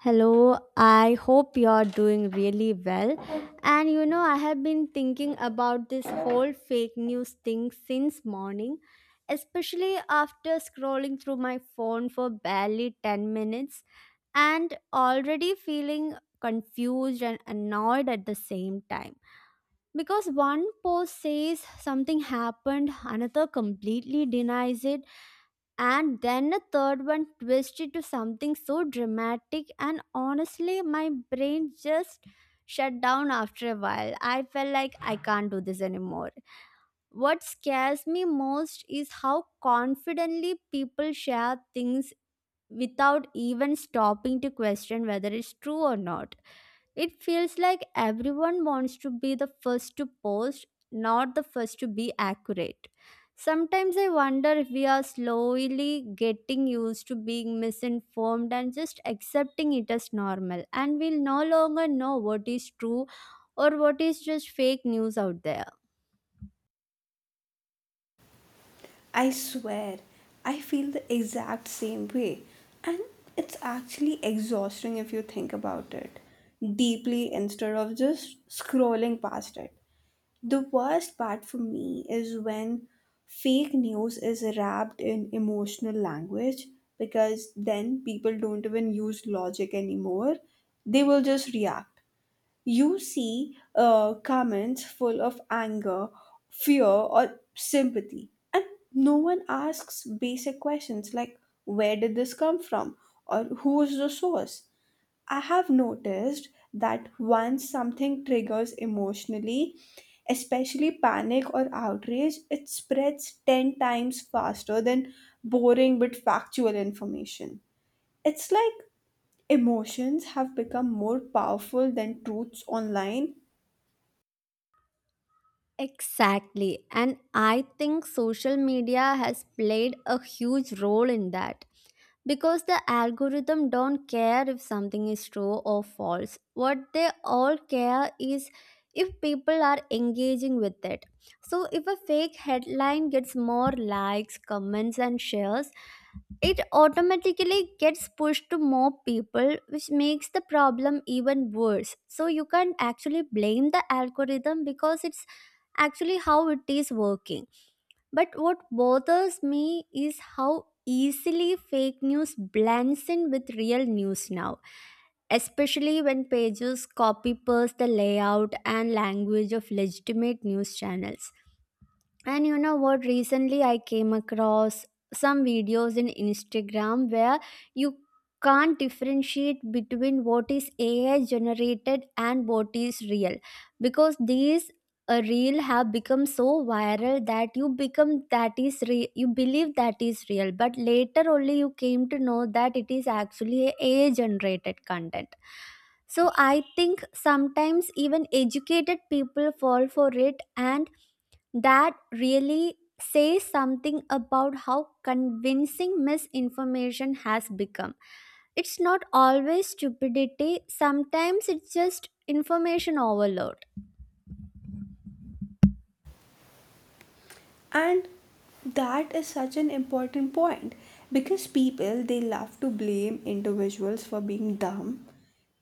Hello, I hope you're doing really well. And I have been thinking about this whole fake news thing since morning, especially after scrolling through my phone for barely 10 minutes and already feeling confused and annoyed at the same time because one post says something happened, another completely denies it, and then a third one twists it to something so dramatic. And honestly, my brain just shut down. After a while, I felt like I can't do this anymore. What scares me most is how confidently people share things without even stopping to question whether it's true or not. It feels like everyone wants to be the first to post, not the first to be accurate. Sometimes I wonder if we are slowly getting used to being misinformed and just accepting it as normal, and we'll no longer know what is true or what is just fake news out there. I swear, I feel the exact same way. And it's actually exhausting if you think about it deeply instead of just scrolling past it. The worst part for me is when fake news is wrapped in emotional language, because then people don't even use logic anymore. They will just react. You see comments full of anger, fear, or sympathy, and no one asks basic questions like where did this come from or who is the source. I have noticed that once something triggers emotionally, especially panic or outrage, it spreads 10 times faster than boring but factual information. It's like emotions have become more powerful than truths online. Exactly, and I think social media has played a huge role in that because the algorithm don't care if something is true or false. What they all care is if people are engaging with it. So if a fake headline gets more likes, comments, and shares, it automatically gets pushed to more people, which makes the problem even worse. So you can't actually blame the algorithm because it's actually how it is working. But what bothers me is how easily fake news blends in with real news now, especially when pages copy paste the layout and language of legitimate news channels. And you know what? Recently, I came across some videos in Instagram where you can't differentiate between what is AI generated and what is real because these real have become so viral that you become that is real, you believe that is real, but later only you came to know that it is actually AI generated content. So I think sometimes even educated people fall for it, and that really says something about how convincing misinformation has become. It's not always stupidity, sometimes it's just information overload. And that is such an important point, because people they love to blame individuals for being dumb,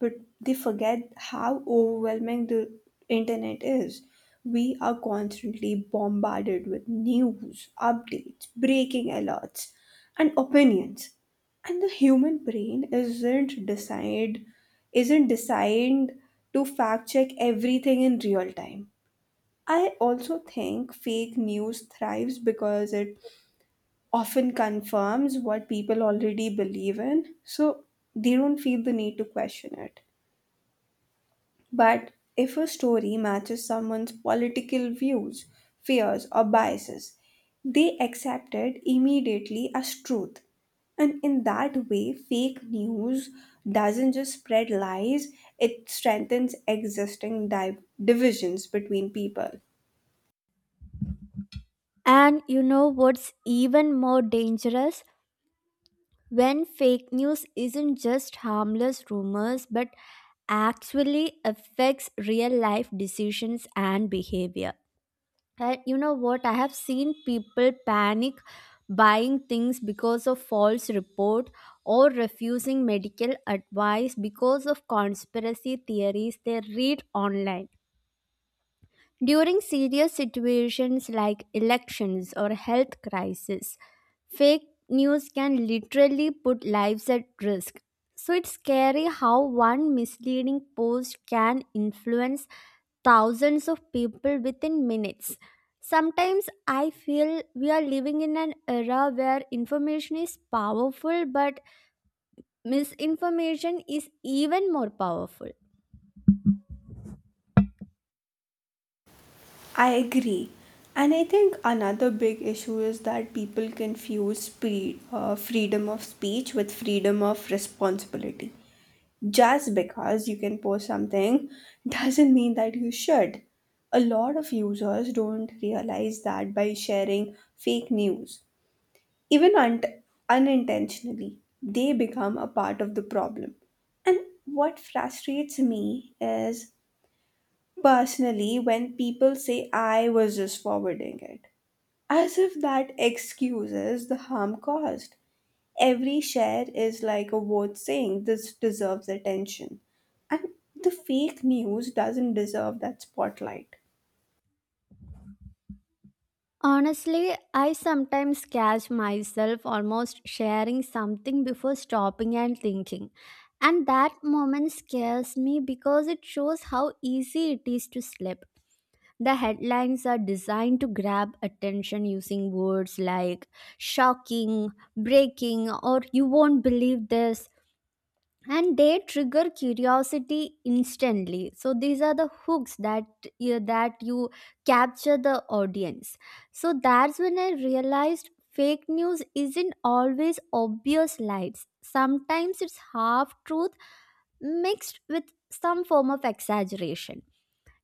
but they forget how overwhelming the internet is. We are constantly bombarded with news updates, breaking alerts, and opinions, and the human brain isn't designed to fact check everything in real time. I also think fake news thrives because it often confirms what people already believe in, so they don't feel the need to question it. But if a story matches someone's political views, fears, or biases, they accept it immediately as truth. And in that way, fake news doesn't just spread lies, it strengthens existing divisions between people. And you know what's even more dangerous? When fake news isn't just harmless rumors but actually affects real life decisions and behavior. And you know what? I have seen people panic buying things because of false report, or refusing medical advice because of conspiracy theories they read online. During serious situations like elections or health crisis, fake news can literally put lives at risk. So it's scary how one misleading post can influence thousands of people within minutes. Sometimes I feel we are living in an era where information is powerful, but misinformation is even more powerful. I agree. And I think another big issue is that people confuse freedom of speech with freedom of responsibility. Just because you can post something doesn't mean that you should. A lot of users don't realize that by sharing fake news, even unintentionally, they become a part of the problem. And what frustrates me, is Personally, when people say I was just forwarding it, as if that excuses the harm caused. Every share is like a vote saying this deserves attention. And the fake news doesn't deserve that spotlight. Honestly, I sometimes catch myself almost sharing something before stopping and thinking. And that moment scares me because it shows how easy it is to slip. The headlines are designed to grab attention using words like shocking, breaking, or you won't believe this. And they trigger curiosity instantly. So these are the hooks that, yeah, that you capture the audience. So that's when I realized fake news isn't always obvious lies. Sometimes it's half truth mixed with some form of exaggeration.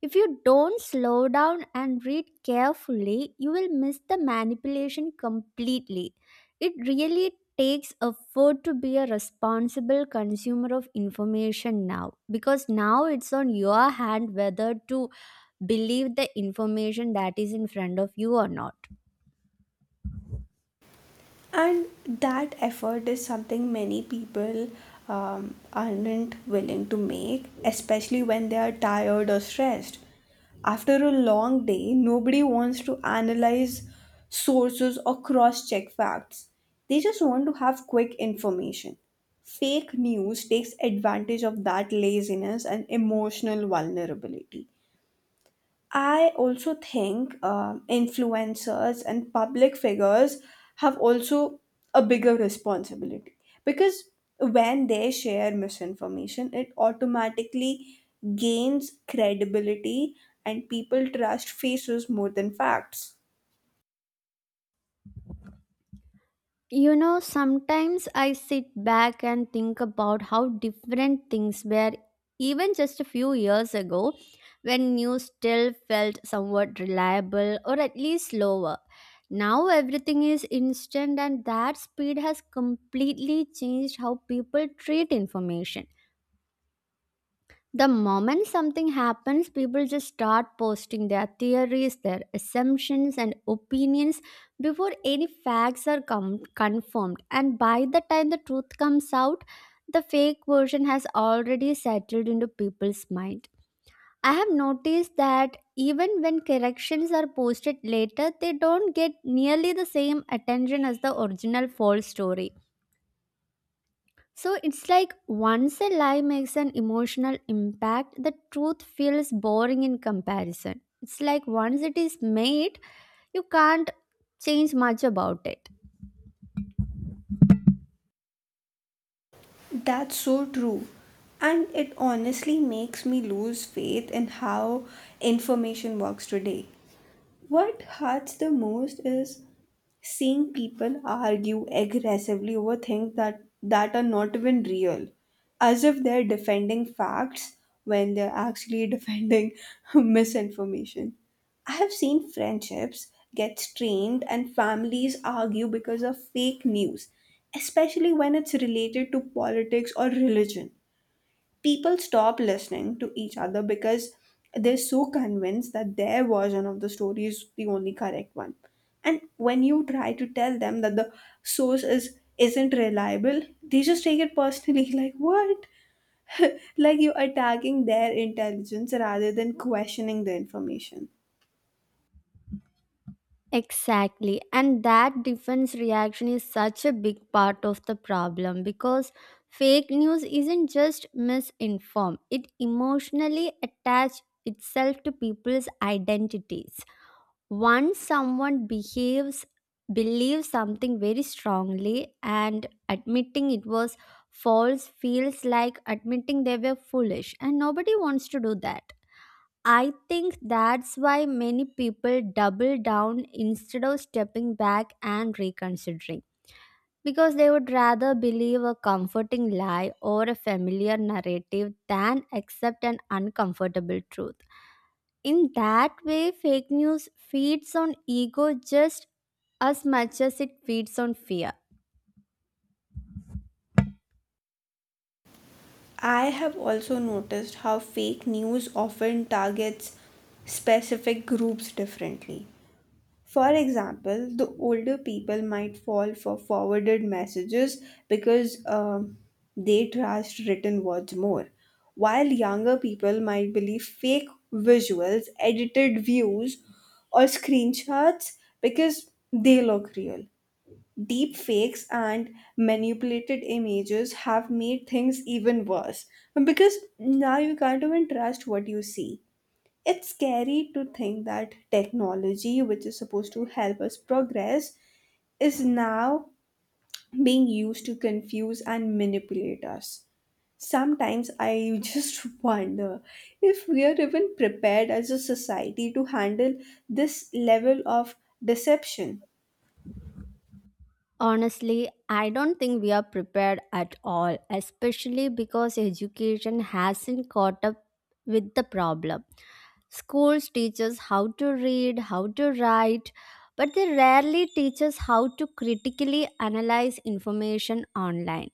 If you don't slow down and read carefully, you will miss the manipulation completely. It really takes effort to be a responsible consumer of information now because now it's on your hand whether to believe the information that is in front of you or not. And that effort is something many people aren't willing to make, especially when they are tired or stressed. After a long day, nobody wants to analyze sources or cross check facts. They just want to have quick information. Fake news takes advantage of that laziness and emotional vulnerability. I also think influencers and public figures have also a bigger responsibility, because when they share misinformation, it automatically gains credibility and people trust faces more than facts. Sometimes I sit back and think about how different things were even just a few years ago when news still felt somewhat reliable or at least slower. Now everything is instant, and that speed has completely changed how people treat information. The moment something happens, people just start posting their theories, their assumptions, and opinions before any facts are confirmed. And by the time the truth comes out, the fake version has already settled into people's mind. I have noticed that even when corrections are posted later, they don't get nearly the same attention as the original false story. So it's like once a lie makes an emotional impact, the truth feels boring in comparison. It's like once it is made, you can't change much about it. That's so true. And it honestly makes me lose faith in how information works today. What hurts the most is seeing people argue aggressively over things that are not even real, as if they're defending facts when they're actually defending misinformation. I have seen friendships get strained and families argue because of fake news, especially when it's related to politics or religion. People stop listening to each other because they're so convinced that their version of the story is the only correct one. And when you try to tell them that the source is isn't reliable, they just take it personally like what? Like you're attacking their intelligence rather than questioning the information. Exactly. And that defense reaction is such a big part of the problem because fake news isn't just misinformed, it emotionally attaches itself to people's identities. Once someone behaves believes something very strongly, and admitting it was false feels like admitting they were foolish, and nobody wants to do that. I think that's why many people double down instead of stepping back and reconsidering, because they would rather believe a comforting lie or a familiar narrative than accept an uncomfortable truth. In that way, fake news feeds on ego just as much as it feeds on fear. I have also noticed how fake news often targets specific groups differently. For example, the older people might fall for forwarded messages because they trust written words more, while younger people might believe fake visuals, edited views, or screenshots because they look real. Deep fakes and manipulated images have made things even worse because now you can't even trust what you see. It's scary to think that technology, which is supposed to help us progress, is now being used to confuse and manipulate us. Sometimes I just wonder if we are even prepared as a society to handle this level of deception. Honestly, I don't think we are prepared at all, especially because education hasn't caught up with the problem. Schools teach us how to read, how to write, but they rarely teach us how to critically analyze information online.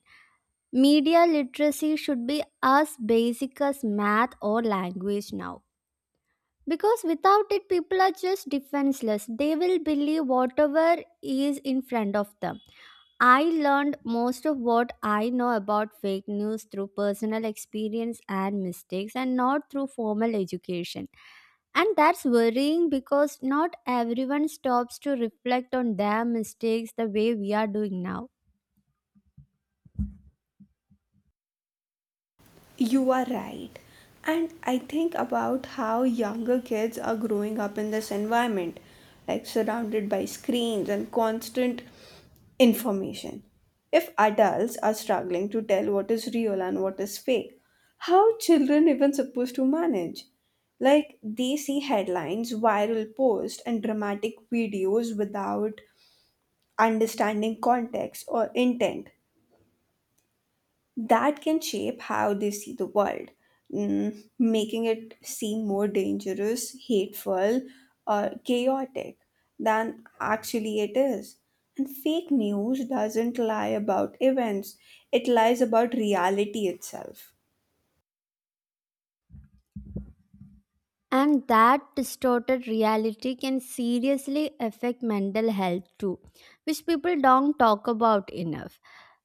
Media literacy should be as basic as math or language now, because without it people are just defenseless. They will believe whatever is in front of them. I learned most of what I know about fake news through personal experience and mistakes, and not through formal education. And that's worrying because not everyone stops to reflect on their mistakes the way we are doing now. You are right. And I think about how younger kids are growing up in this environment, like surrounded by screens and constant information. If adults are struggling to tell what is real and what is fake, how are children even supposed to manage? Like they see headlines, viral posts, and dramatic videos without understanding context or intent. That can shape how they see the world, making it seem more dangerous, hateful, or chaotic than actually it is. And fake news doesn't lie about events, it lies about reality itself. And that distorted reality can seriously affect mental health too, which people don't talk about enough,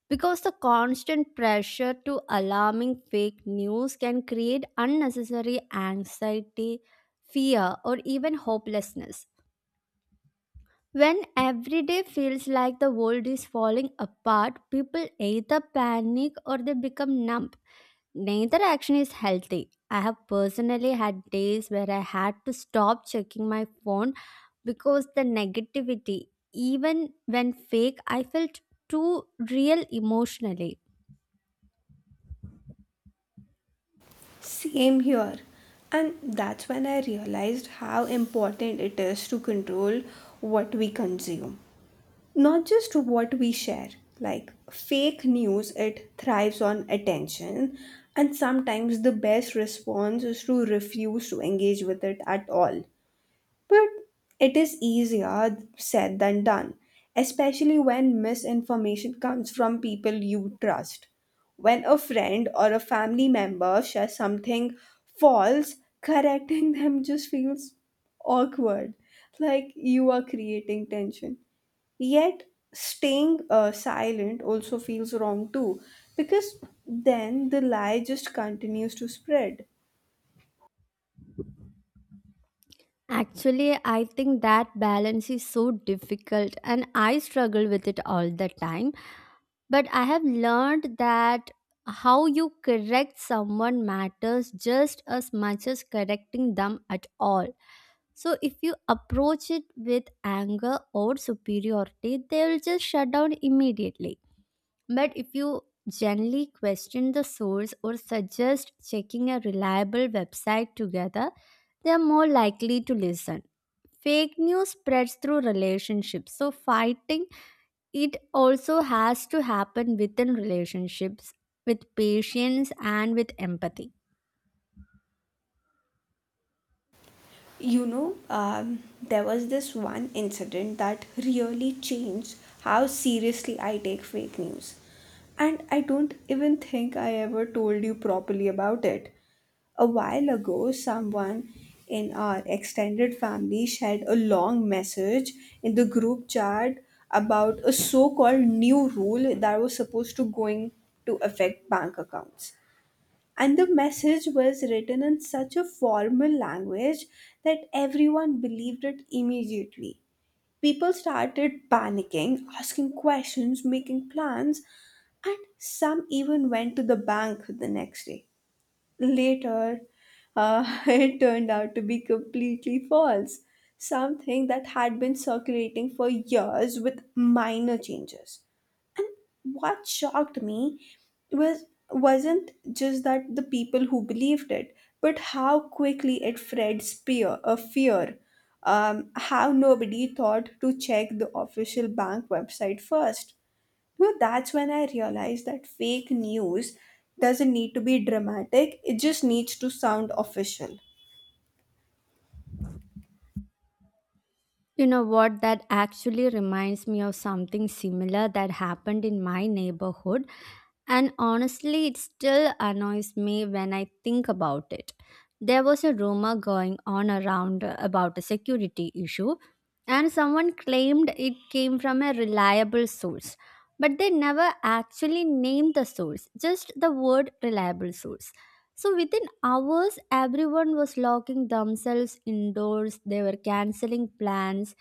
because the constant pressure to alarming fake news can create unnecessary anxiety, fear, or even hopelessness. When every day feels like the world is falling apart, people either panic or they become numb. Neither action is healthy. I have personally had days where I had to stop checking my phone because the negativity, even when fake, I felt too real emotionally. Same here. And that's when I realized how important it is to control what we consume, not just what we share. Like fake news, it thrives on attention, and sometimes the best response is to refuse to engage with it at all. But it is easier said than done, especially when misinformation comes from people you trust. When a friend or a family member shares something false, correcting them just feels awkward, like you are creating tension. Yet, staying silent also feels wrong too, because then the lie just continues to spread. Actually, I think that balance is so difficult and I struggle with it all the time. But I have learned that how you correct someone matters just as much as correcting them at all. So, if you approach it with anger or superiority, they'll just shut down immediately. But if you gently question the source or suggest checking a reliable website together, they are more likely to listen. Fake news spreads through relationships, so fighting it also has to happen within relationships, with patience and with empathy. You know, there was this one incident that really changed how seriously I take fake news. And I don't even think I ever told you properly about it. A while ago, someone in our extended family shared a long message in the group chat about a so-called new rule that was supposed to going to affect bank accounts. And the message was written in such a formal language that everyone believed it immediately. People started panicking, asking questions, making plans, and some even went to the bank the next day. Later, it turned out to be completely false, something that had been circulating for years with minor changes. And what shocked me was wasn't just that the people who believed it, but how quickly it spread fear. How nobody thought to check the official bank website first. Well, that's when I realized that fake news doesn't need to be dramatic, it just needs to sound official. You know what, that actually reminds me of something similar that happened in my neighborhood. And honestly, it still annoys me when I think about it. There was a rumor going on around about a security issue, and someone claimed it came from a reliable source. But they never actually named the source, just the word reliable source. So within hours, everyone was locking themselves indoors, they were canceling plans,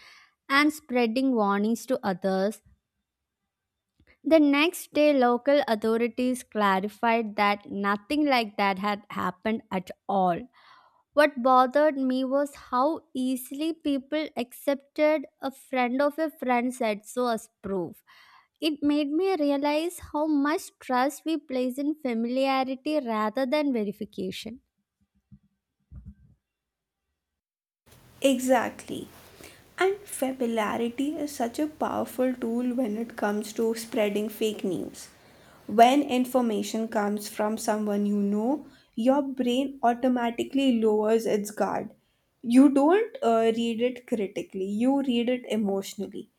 and spreading warnings to others. The next day, local authorities clarified that nothing like that had happened at all. What bothered me was how easily people accepted a friend of a friend said so as proof. It made me realize how much trust we place in familiarity rather than verification. Exactly. And familiarity is such a powerful tool when it comes to spreading fake news. When information comes from someone you know, your brain automatically lowers its guard. You don't read it critically, you read it emotionally.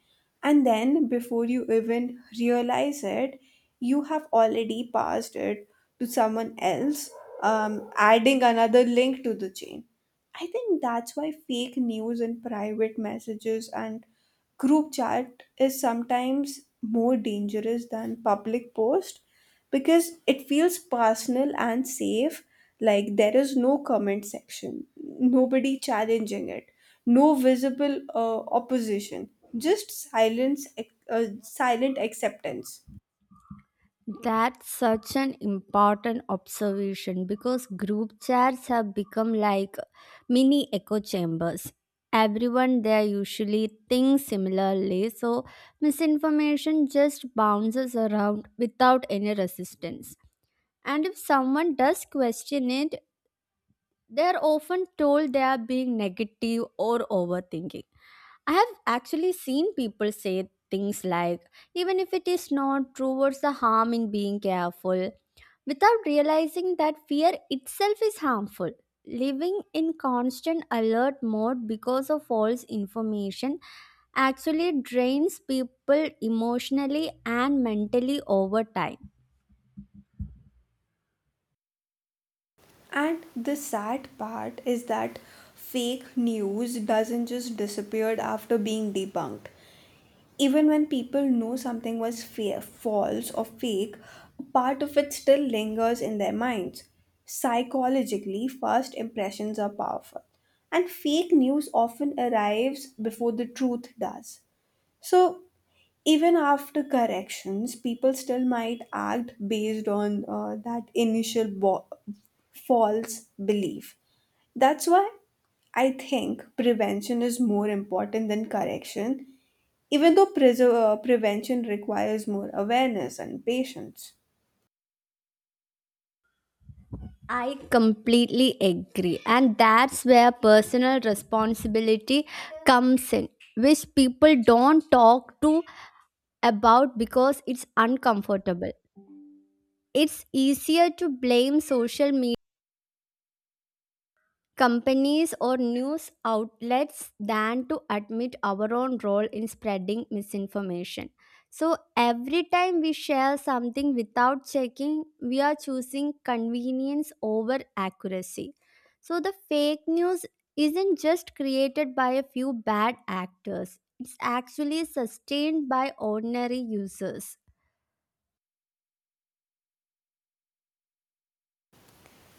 And then, before you even realize it, you have already passed it to someone else, adding another link to the chain. I think that's why fake news in private messages and group chat is sometimes more dangerous than public post, because it feels personal and safe. Like there is no comment section, nobody challenging it, no visible opposition, just silence silent acceptance. That's such an important observation because group chats have become like mini echo chambers. Everyone there usually thinks similarly, so misinformation just bounces around without any resistance. And if someone does question it, they're often told they are being negative or overthinking. I have actually seen people say things like, even if it is not true, what's the harm in being careful? Without realizing that fear itself is harmful. Living in constant alert mode because of false information actually drains people emotionally and mentally over time. And the sad part is that fake news doesn't just disappear after being debunked. Even when people know something was false or fake, a part of it still lingers in their minds. Psychologically, first impressions are powerful, and fake news often arrives before the truth does. So, even after corrections, people still might act based on that initial false belief. That's why I think prevention is more important than correction, even though prevention requires more awareness and patience. I completely agree, and that's where personal responsibility comes in, which people don't talk to about because it's uncomfortable. It's easier to blame social media companies or news outlets than to admit our own role in spreading misinformation. So, every time we share something without checking, we are choosing convenience over accuracy. So, the fake news isn't just created by a few bad actors, it's actually sustained by ordinary users.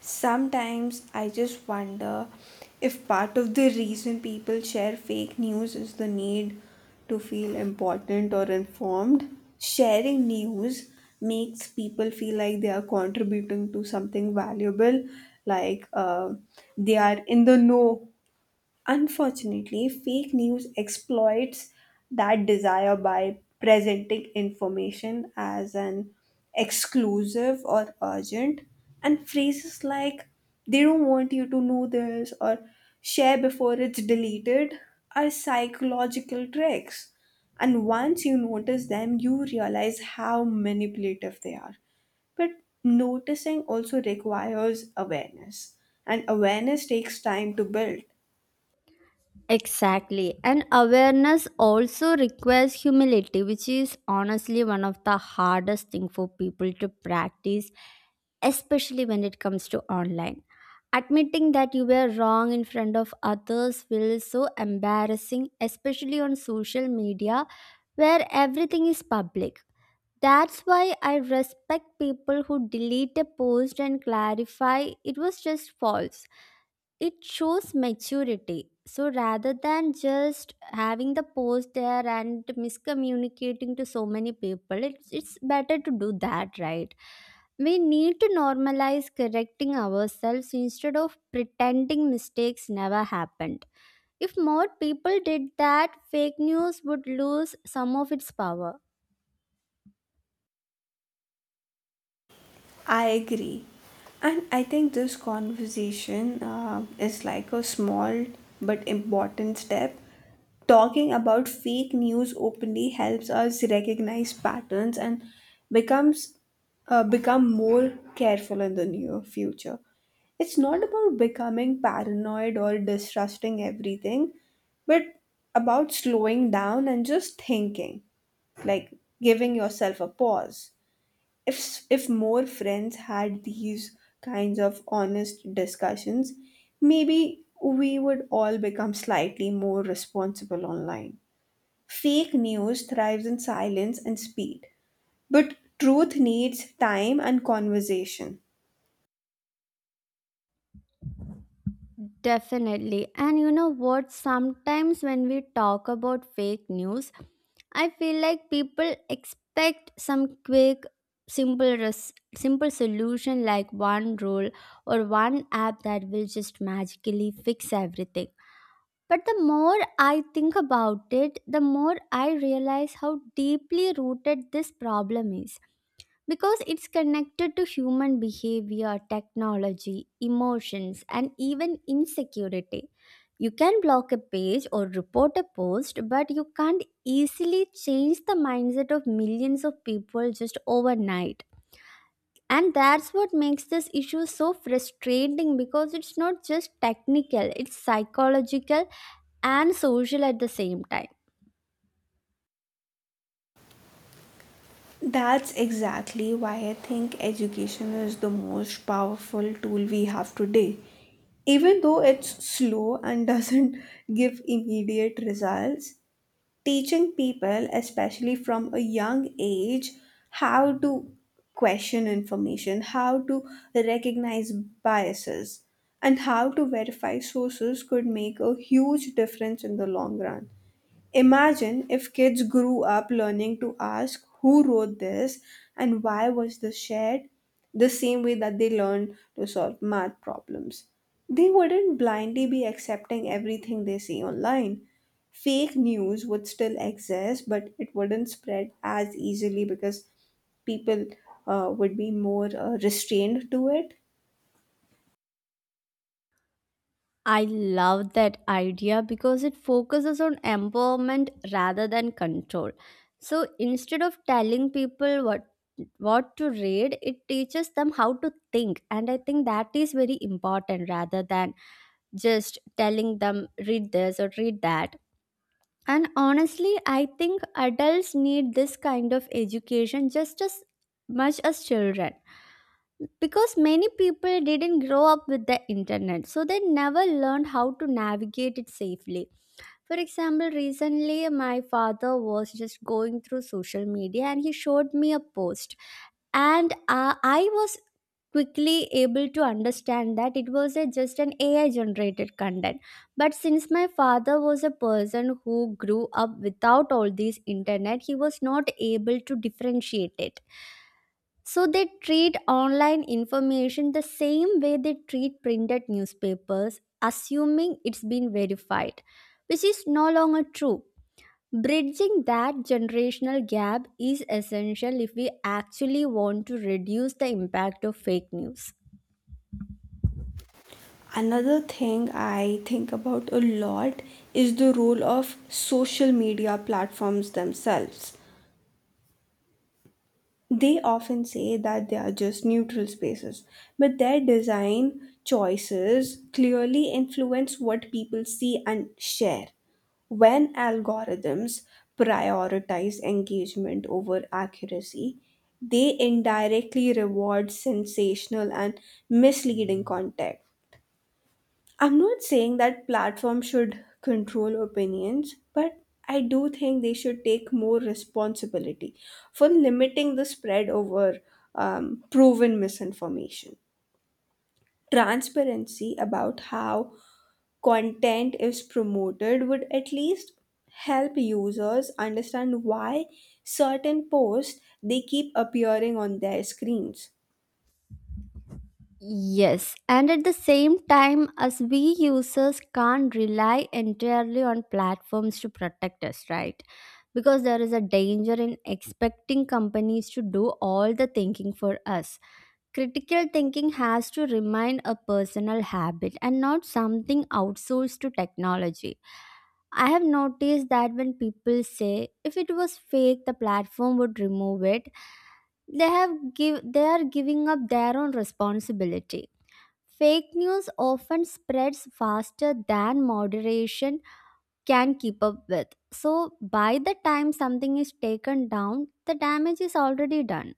Sometimes I just wonder if part of the reason people share fake news is the need to feel important or informed. Sharing news makes people feel like they are contributing to something valuable, like they are in the know. Unfortunately, fake news exploits that desire by presenting information as an exclusive or urgent, and phrases like they don't want you to know this or share before it's deleted are psychological tricks. And once you notice them, you realize how manipulative they are. But noticing also requires awareness, and awareness takes time to build. Exactly. And awareness also requires humility, which is honestly one of the hardest thing for people to practice, especially when it comes to online. Admitting that you were wrong in front of others feels so embarrassing, especially on social media where everything is public. That's why I respect people who delete a post and clarify it was just false. It shows maturity. So rather than just having the post there and miscommunicating to so many people, it's better to do that, right? We need to normalize correcting ourselves instead of pretending mistakes never happened. If more people did that, fake news would lose some of its power. I agree. And I think this conversation is like a small but important step. Talking about fake news openly helps us recognize patterns and becomes become more careful in the near future. It's not about becoming paranoid or distrusting everything, but about slowing down and just thinking, like giving yourself a pause. If more friends had these kinds of honest discussions, maybe we would all become slightly more responsible online. Fake news thrives in silence and speed, but truth needs time and conversation. Definitely. And you know what? Sometimes when we talk about fake news, I feel like people expect some quick, simple solution like one rule or one app that will just magically fix everything. But the more I think about it, the more I realize how deeply rooted this problem is because it's connected to human behavior, technology, emotions, and even insecurity. You can block a page or report a post, but you can't easily change the mindset of millions of people just overnight. And that's what makes this issue so frustrating because it's not just technical, it's psychological and social at the same time. That's exactly why I think education is the most powerful tool we have today. Even though it's slow and doesn't give immediate results, teaching people, especially from a young age, how to question information, how to recognize biases, and how to verify sources could make a huge difference in the long run. Imagine if kids grew up learning to ask who wrote this and why was this shared, the same way that they learn to solve math problems. They wouldn't blindly be accepting everything they see online. Fake news would still exist, but it wouldn't spread as easily because people would be more restrained to it. I love that idea because it focuses on empowerment rather than control. So instead of telling people what to read, it teaches them how to think. And I think that is very important rather than just telling them read this or read that. And honestly, I think adults need this kind of education just as much as children because many people didn't grow up with the internet, so they never learned how to navigate it safely. For example, recently my father was just going through social media and he showed me a post, and I was quickly able to understand that it was just an AI generated content. But since my father was a person who grew up without all these internet, he was not able to differentiate it. So they treat online information the same way they treat printed newspapers, assuming it's been verified, which is no longer true. Bridging that generational gap is essential if we actually want to reduce the impact of fake news. Another thing I think about a lot is the role of social media platforms themselves. They often say that they are just neutral spaces, but their design choices clearly influence what people see and share. When algorithms prioritize engagement over accuracy, they indirectly reward sensational and misleading content. I'm not saying that platforms should control opinions, but I do think they should take more responsibility for limiting the spread over proven misinformation. Transparency about how content is promoted would at least help users understand why certain posts they keep appearing on their screens. Yes, and at the same time, as we users can't rely entirely on platforms to protect us, right? Because there is a danger in expecting companies to do all the thinking for us. Critical thinking has to remain a personal habit and not something outsourced to technology. I have noticed that when people say if it was fake, the platform would remove it, they have give they are giving up their own responsibility. Fake news often spreads faster than moderation can keep up with. So, by the time something is taken down, the damage is already done.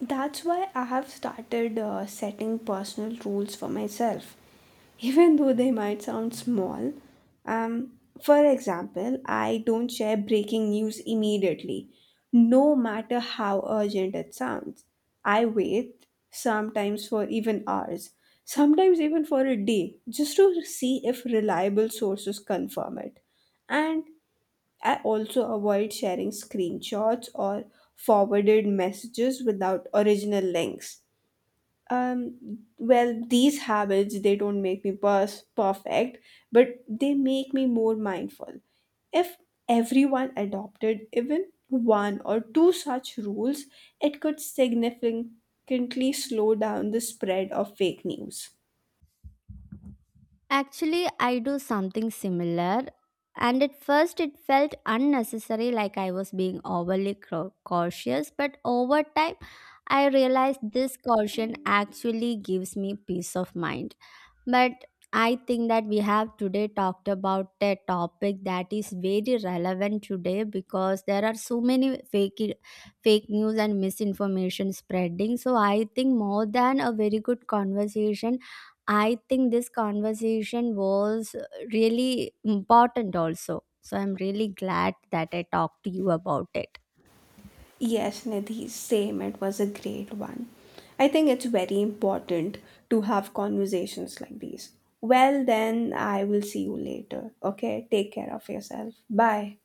That's why I have started setting personal rules for myself, even though they might sound small. Um, for example, I don't share breaking news immediately, no matter how urgent it sounds. I wait, sometimes for even hours, sometimes even for a day, just to see if reliable sources confirm it. And I also avoid sharing screenshots or forwarded messages without original links. Well, these habits they don't make me perfect, but they make me more mindful. If everyone adopted even one or two such rules, it could significantly slow down the spread of fake news. Actually, I do something similar, and at first it felt unnecessary, like I was being overly cautious, but over time, I realized this caution actually gives me peace of mind. But I think that we have today talked about a topic that is very relevant today because there are so many fake news and misinformation spreading. So I think more than a very good conversation, I think this conversation was really important also. So I'm really glad that I talked to you about it. Yes, Nidhi, same. It was a great one. I think it's very important to have conversations like these. Well, then, I will see you later. Okay, take care of yourself. Bye.